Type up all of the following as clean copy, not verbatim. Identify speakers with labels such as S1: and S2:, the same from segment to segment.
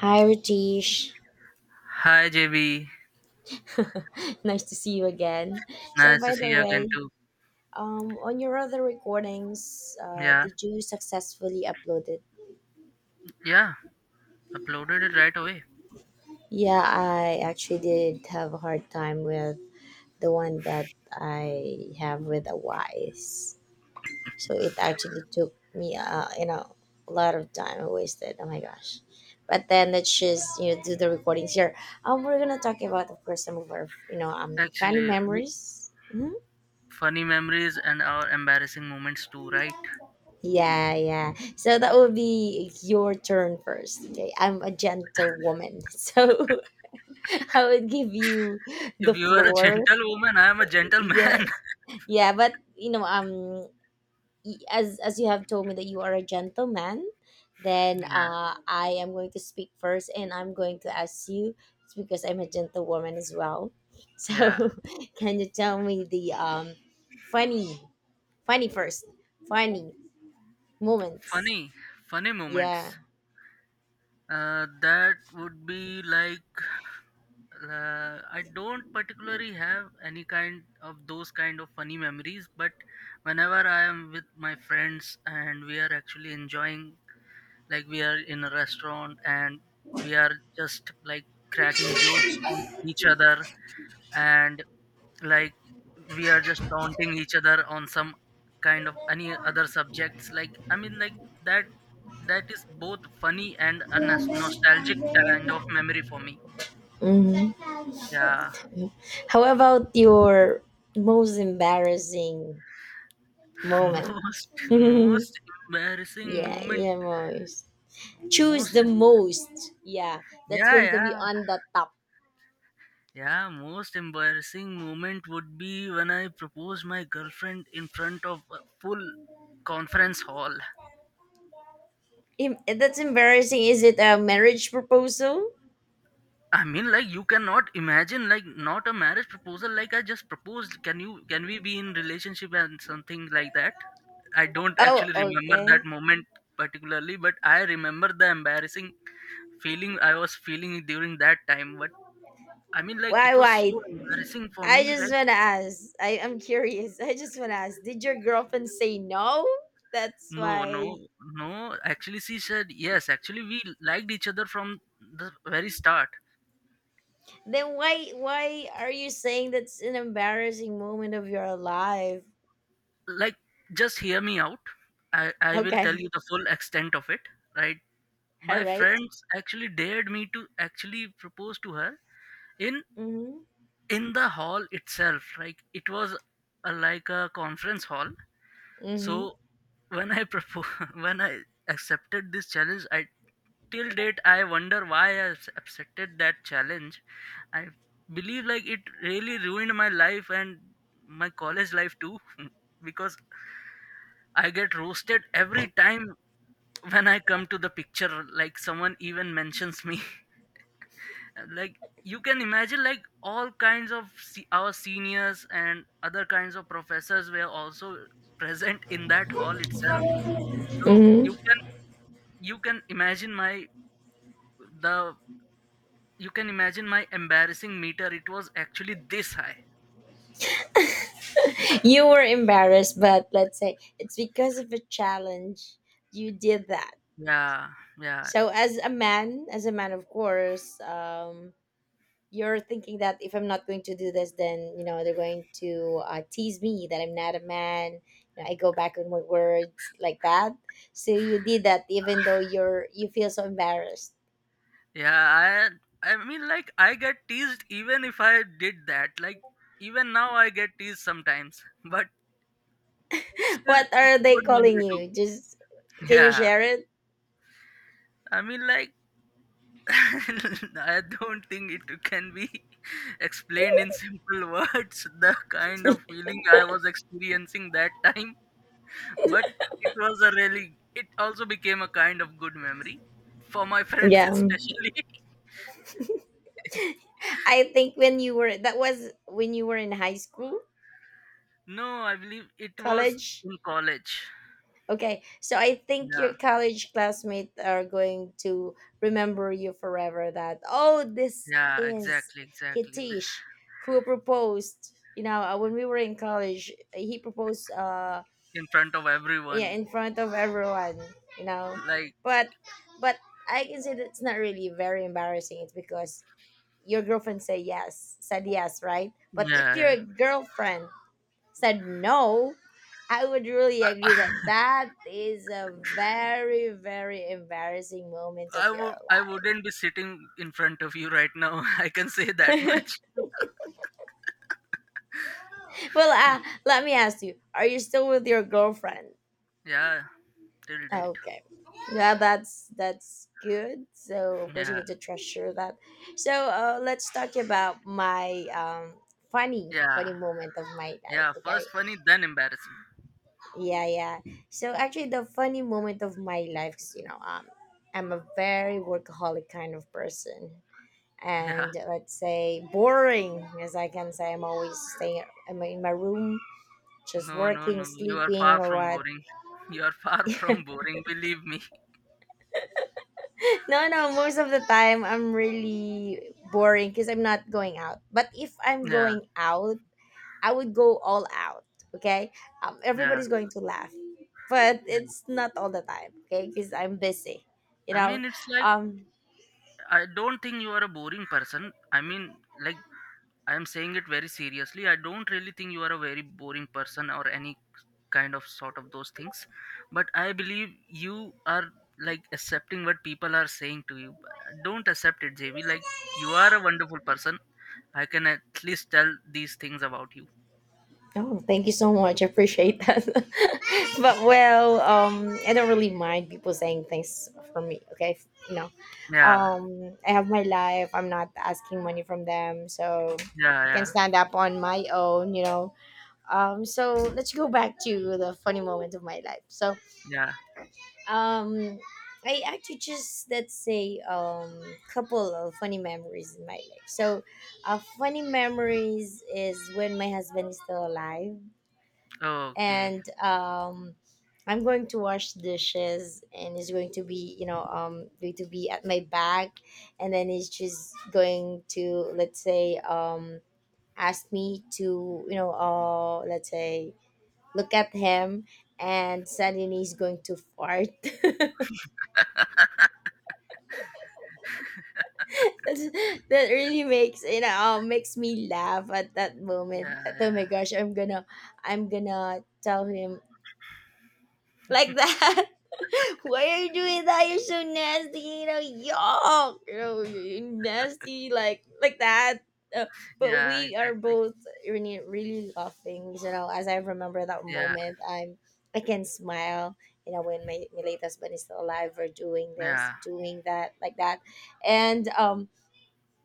S1: Hi, Ritesh.
S2: Hi JB,
S1: Nice to see you again. So,
S2: nice to
S1: by
S2: see
S1: the
S2: you again
S1: way,
S2: too.
S1: on your other recordings,
S2: Yeah,
S1: did you successfully upload it?
S2: yeah, uploaded it right away.
S1: Yeah, I actually did have a hard time with the one that I have with a wise. So it actually took me, a lot of time I wasted. Oh my gosh. But then let's just do the recordings here. We're gonna talk about, of course, some of our funny
S2: Actually, w-
S1: memories.
S2: Funny memories and our embarrassing moments too, right?
S1: Yeah, yeah. So that will be your turn first. Okay, I'm a gentle woman, so I would give you
S2: If
S1: the
S2: you are a
S1: floor.
S2: gentlewoman, I am a
S1: Yeah,
S2: gentleman.
S1: yeah. But as you have told me that you are a gentleman, then
S2: yeah,
S1: I am going to speak first, and I'm going to ask you. It's because I'm a gentlewoman as well. So,
S2: yeah.
S1: can you tell me the funny, funny first, funny moments?
S2: Funny, funny
S1: Yeah.
S2: moments. That would be like I don't particularly have any kind of those kind of funny memories, but whenever I am with my friends and we are actually enjoying. Like we are in a restaurant and we are just like cracking jokes on each other and like we are just taunting each other on some kind of any other subjects. I mean, that that is both funny and a
S1: Hmm.
S2: nostalgic kind of memory for me. Yeah,
S1: How about your most embarrassing moment?
S2: most
S1: Yeah,
S2: most embarrassing moment.
S1: yeah, most. Choose
S2: Most,
S1: the most. Yeah, that's
S2: yeah,
S1: going to be
S2: yeah.
S1: on the top.
S2: Yeah, most embarrassing moment would be when I proposed my girlfriend in front of a full conference hall.
S1: That's embarrassing. Is it a marriage proposal?
S2: I mean, like you cannot imagine, like not a marriage proposal. Like I just proposed. Can you? Can we be in relationship and something like that? I don't
S1: Oh,
S2: actually remember that
S1: okay.
S2: moment particularly, but I remember the embarrassing feeling I was feeling during that time. But I mean, like it
S1: Why,
S2: was
S1: why?
S2: so embarrassing for
S1: I
S2: me.
S1: just
S2: Like
S1: want to ask. I'm curious. I just want to ask. Did your girlfriend say no? That's
S2: no,
S1: why.
S2: no, no. Actually, she said yes. Actually, we liked each other from the very start.
S1: Then why are you saying that's an embarrassing moment of your life?
S2: Like, just hear me out. I will tell
S1: Okay,
S2: you the full extent of it, right?
S1: all
S2: My
S1: right.
S2: friends actually dared me to actually propose to her in
S1: Mm-hmm.
S2: in the hall itself. Like it was a, like a conference hall.
S1: Mm-hmm.
S2: So when I propose, when I accepted this challenge, I till date I wonder why I accepted that challenge. I believe like it really ruined my life and my college life too. Because I get roasted every time when I come to the picture, like someone even mentions me. Like you can imagine, like all kinds of our seniors and other kinds of professors were also present in that hall itself, so
S1: Mm-hmm.
S2: you can imagine my the you can imagine my embarrassing meter, it was actually this high.
S1: You were embarrassed, but let's say it's because of a challenge you did that.
S2: Yeah, yeah.
S1: So as a man, of course, you're thinking that if I'm not going to do this, then you know they're going to tease me that I'm not a man. You know, I go back on my words like that. So you did that even though you feel so embarrassed.
S2: Yeah, I mean like I get teased even if I did that. Like even now I get teased sometimes, but still
S1: What
S2: it's
S1: are
S2: a
S1: they
S2: good
S1: calling
S2: memory too.
S1: you? Just can you
S2: Yeah.
S1: share it?
S2: I mean like I don't think it can be explained in simple words the kind of feeling I was experiencing that time, but it was a really it also became a kind of good memory for my friends
S1: Yeah,
S2: especially.
S1: I think when you were, that was when you were in high school,
S2: No, I believe it was
S1: college.
S2: in college.
S1: Okay, so I think
S2: Yeah.
S1: your college classmates are going to remember you forever that, oh, this
S2: Yeah,
S1: is
S2: exactly, exactly. Th-
S1: Hitish who proposed, you know, when we were in college, he proposed,
S2: in front of
S1: yeah, in
S2: everyone,
S1: front of everyone, you know.
S2: like
S1: But, but I can say that's not really very embarrassing. It's because your girlfriend say yes, said yes, right? But if
S2: yeah, yeah.
S1: your girlfriend said no, I would really agree that
S2: I
S1: that is a very, very embarrassing moment of your
S2: I wouldn't be sitting in front of you right now. I can say that
S1: life.
S2: much.
S1: Well, let me ask you: are you still with your girlfriend?
S2: Yeah, till date.
S1: Okay, yeah, that's good. So of course you
S2: Yeah,
S1: need to treasure that. So let's talk about my funny,
S2: yeah,
S1: funny moment of my life.
S2: yeah.
S1: Okay,
S2: First funny, then embarrassing.
S1: yeah, yeah. So actually, the funny moment of my life, 'cause, you know, I'm a very workaholic kind of person,
S2: Yeah.
S1: and let's say boring, as I can say, I'm always staying in my room, just
S2: No, no,
S1: working,
S2: no. You are
S1: sleeping,
S2: far
S1: or
S2: from
S1: what.
S2: boring. You are far from boring. Believe me.
S1: No, no. Most of the time, I'm really boring because I'm not going out. But if I'm
S2: Yeah,
S1: going out, I would go all out. Okay,
S2: yeah,
S1: everybody's going to laugh, but
S2: yeah.
S1: it's not all the time. Okay, because I'm busy. You
S2: I
S1: know,
S2: mean, it's like
S1: um,
S2: I don't think you are a boring person. I mean, like I am saying it very seriously. I don't really think you are a very boring person or any kind of sort of those things. But I believe you are like accepting what people are saying to you. Don't accept it, JV. Like you are a wonderful person. I can at least tell these things about you.
S1: oh, thank you so much. I appreciate that. But well, I don't really mind people saying things for me. Okay, you know,
S2: Yeah,
S1: I have my life. I'm not asking money from them, so
S2: yeah,
S1: I can
S2: yeah,
S1: stand up on my own. You know, so let's go back to the funny moment of my life. So,
S2: yeah.
S1: Um, I actually just, let's say, couple of funny memories in my life. So, funny memories is when my husband is still alive,
S2: Okay.
S1: and I'm going to wash dishes, and he's going to be going to be at my back, and then he's just going to, let's say, ask me to let's say look at him, and suddenly he's going to fart. That really makes makes me laugh at that moment
S2: Yeah,
S1: that, oh
S2: yeah,
S1: my gosh, I'm gonna tell him like that. Why are you doing that? You're so nasty, you know. Yuck, you know, you nasty, like that. uh, but
S2: yeah,
S1: we are
S2: exactly.
S1: both really really laughing, you know. As I remember that
S2: Yeah,
S1: moment, I can smile, you know, when my late husband is still alive, we're doing this,
S2: yeah,
S1: doing that, like that. And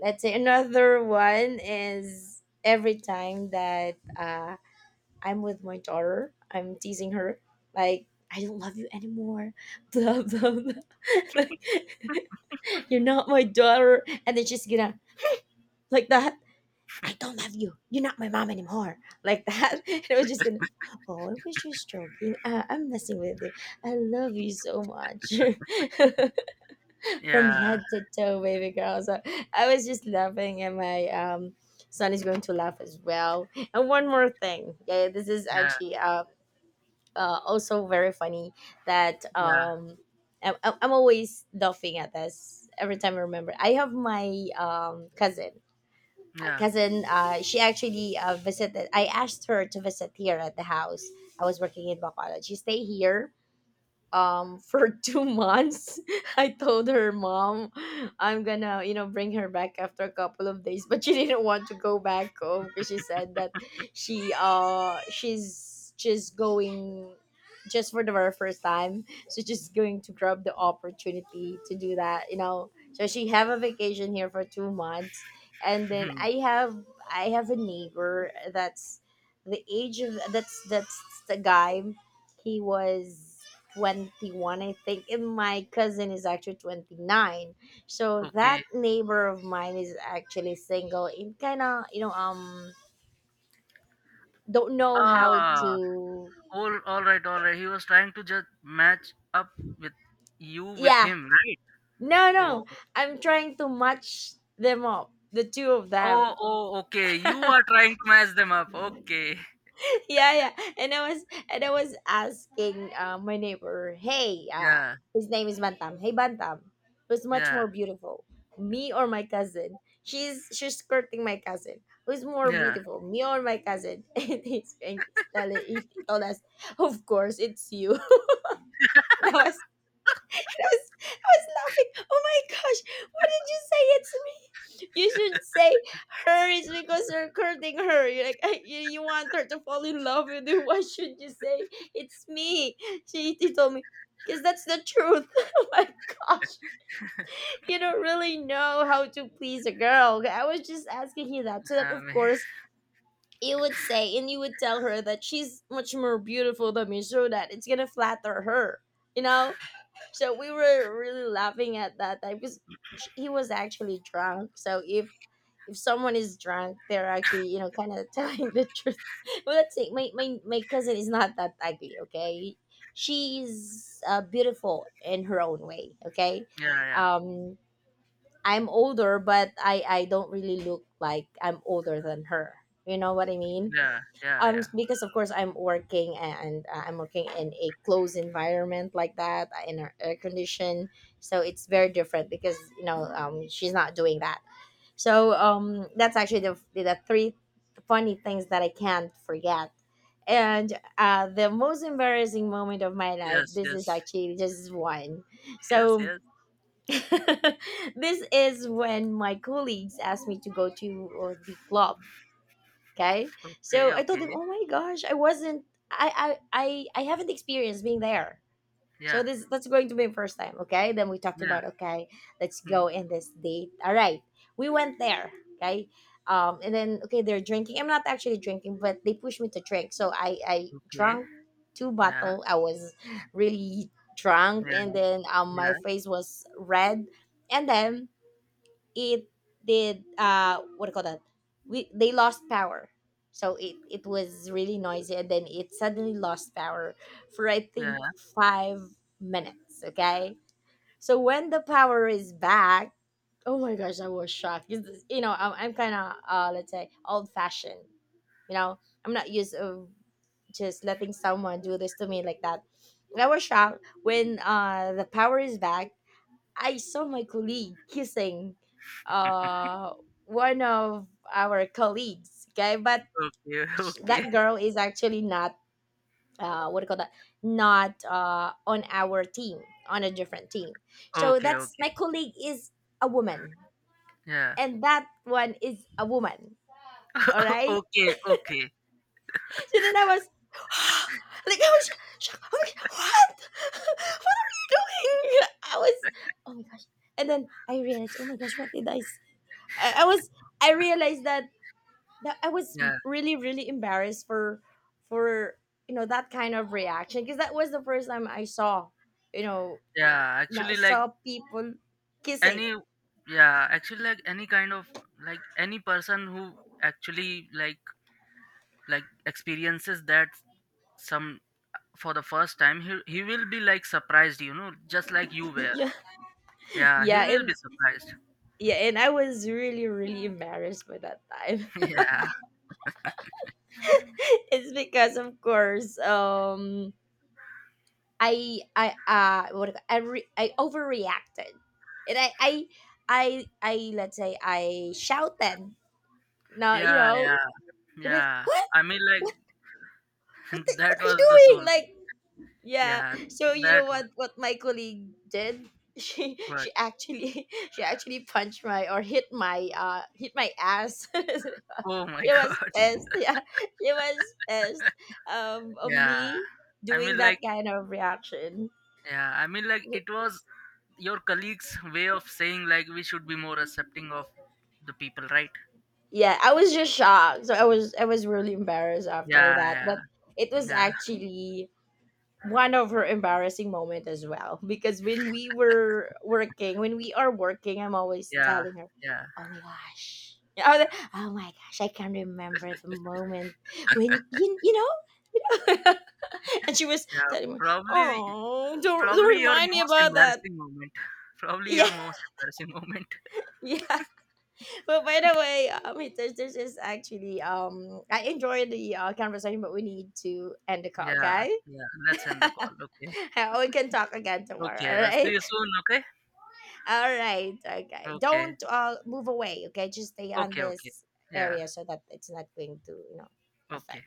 S1: let's say another one is every time that I'm with my daughter, I'm teasing her like I don't love you anymore, blah blah blah. Like you're not my daughter, and then she's gonna like that. I don't love you. You're not my mom anymore. Like that. And I was just gonna, oh, I was just joking. I'm messing with you. I love you so much. From
S2: yeah,
S1: head to toe, baby girl. So I was just laughing, and my son is going to laugh as well. And one more thing, yeah, this is
S2: yeah,
S1: actually also very funny that
S2: yeah,
S1: I'm always laughing at this every time I remember. I have my cousin.
S2: yeah.
S1: Cousin, she actually visited. I asked her to visit here at the house. I was working in Bacolod. She stayed here for 2 months. I told her mom I'm gonna, you know, bring her back after a couple of days, but she didn't want to go back home because she said that she's just going just for the very first time. So she's going to grab the opportunity to do that, you know. So she have a vacation here for 2 months. And then I have a neighbor that's the age of that's the guy. He was 21, I think, and my cousin is actually 29. So
S2: okay.
S1: that neighbor of mine is actually single and kind of, you know, don't know how
S2: Ah,
S1: to,
S2: all right, all right. He was trying to just match up with you with
S1: yeah,
S2: him, right?
S1: no,
S2: Oh,
S1: no, I'm trying to match them up, the two of them.
S2: oh, oh. Okay, you are trying to match them up. Okay,
S1: Yeah, yeah. And I was asking, my neighbor, hey,
S2: yeah,
S1: his name is Bantam. Hey, Bantam, who's much
S2: yeah,
S1: more beautiful, me or my cousin? She's courting my cousin. Who's more
S2: yeah.
S1: beautiful, me or my cousin? And he told us of course it's you. That was, I was, I was laughing. Oh my gosh, why did you say it's me? You should say her is because you're courting her. You're like, you want her to fall in love with you. Why should you say it's me? He told me, because that's the truth. Oh my gosh, you don't really know how to please a girl. I was just asking you that so that,
S2: I
S1: of
S2: mean,
S1: course, you would say and you would tell her that she's much more beautiful than me so that it's gonna flatter her. You know? So we were really laughing at that time because he was actually drunk. So if someone is drunk, they're actually, you know, kind of telling the truth. Well, let's say my cousin is not that ugly, okay. She's beautiful in her own way, okay.
S2: yeah, yeah,
S1: um I'm older, but I don't really look like I'm older than her, you know what I mean.
S2: yeah, yeah, yeah.
S1: Because of course I'm working and I'm working in a closed environment like that, in our air condition. So it's very different because, you know, she's not doing that. So that's actually the three funny things that I can't forget. And the most embarrassing moment of my life,
S2: Yes,
S1: this is
S2: yes,
S1: actually just one.
S2: yes,
S1: So
S2: yes.
S1: this is when my colleagues asked me to go to the club. Okay.
S2: Okay,
S1: So I told him,
S2: okay.
S1: "Oh my gosh, I haven't experienced being there. So
S2: Yeah,
S1: this that's going to be my first time. Okay. Then we talked
S2: yeah.
S1: about, okay, let's
S2: Mm.
S1: go in this date. All right. We went there. Okay. And then, okay, they're drinking. I'm not actually drinking, but they pushed me to drink. So I
S2: Okay.
S1: drank two
S2: Yeah,
S1: bottle. I was really drunk, and
S2: yeah,
S1: then my
S2: yeah,
S1: face was red, and then it did, what do you call that, we they lost power. So it was really noisy, and then it suddenly lost power for I think
S2: yeah.
S1: 5 minutes, okay. So when the power is back, oh my gosh, I was shocked. 'Cause you know, I'm kind of, let's say, old fashioned, you know. I'm not used of just letting someone do this to me like that. I was shocked when the power is back, I saw my colleague kissing uh one of our colleagues. Okay, but
S2: Okay, okay,
S1: that girl is actually not, what do you call that? Not on our team, on a different team. So
S2: okay,
S1: that's
S2: okay.
S1: my colleague is a woman,
S2: Yeah.
S1: and that one is a woman. All right.
S2: okay, okay.
S1: So then I was like, I was shocked. I'm like, what? What are you doing? I was, oh my gosh. And then I realized, oh my gosh, what did I was, I realized that, that I was
S2: Yeah,
S1: really really embarrassed for, you know, that kind of reaction because that was the first time I saw, you know,
S2: yeah.
S1: now
S2: Actually, like
S1: saw people
S2: any
S1: kissing.
S2: yeah actually like any kind of like any person who actually like experiences that some for the first time he will be like surprised, you know, just like you were.
S1: Yeah,
S2: Yeah, he
S1: yeah,
S2: will
S1: and
S2: be surprised.
S1: yeah, and I was really really embarrassed by that time.
S2: yeah
S1: It's because of course I what do you call- I overreacted and I let's say I shouted now, you
S2: yeah
S1: know.
S2: yeah
S1: It is
S2: yeah
S1: what,
S2: I mean,
S1: what what the,
S2: that
S1: what are you
S2: was the soul.
S1: doing? Like, yeah.
S2: Yeah,
S1: So you
S2: that
S1: know
S2: was
S1: what my colleague did?
S2: what?
S1: She actually she actually punched my or hit my ass. She
S2: Oh my
S1: was
S2: god.
S1: pissed. Yeah, she was pissed of
S2: Yeah,
S1: me
S2: I
S1: doing
S2: mean,
S1: that
S2: like,
S1: kind of reaction.
S2: yeah, I mean, like, it was your colleagues' way of saying, like, we should be more accepting of the people, right?
S1: Yeah, I was just shocked. So I was really embarrassed after
S2: Yeah,
S1: that. But it
S2: yeah,
S1: was
S2: yeah,
S1: actually one of her embarrassing moment as well because when we are working, I'm always
S2: yeah,
S1: telling her,
S2: yeah,
S1: oh my gosh, oh my gosh, I can remember the moment when you know. And she was
S2: yeah.
S1: telling me,
S2: Probably,
S1: oh,
S2: probably
S1: don't
S2: your
S1: remind me
S2: most
S1: about that,
S2: embarrassing moment. Probably your
S1: yeah.
S2: most embarrassing moment.
S1: Yeah. But by the way, this is actually I enjoy the, conversation, but we need to end the call,
S2: Yeah,
S1: okay.
S2: yeah. Let's end the call. Okay,
S1: We can talk again tomorrow, all
S2: okay. I'll see
S1: right.
S2: you soon. Okay,
S1: All right. Okay.
S2: okay,
S1: Don't move away. Okay. Just stay on
S2: okay, okay.
S1: this
S2: Yeah,
S1: area so that it's not going to, you know,
S2: okay.
S1: affect.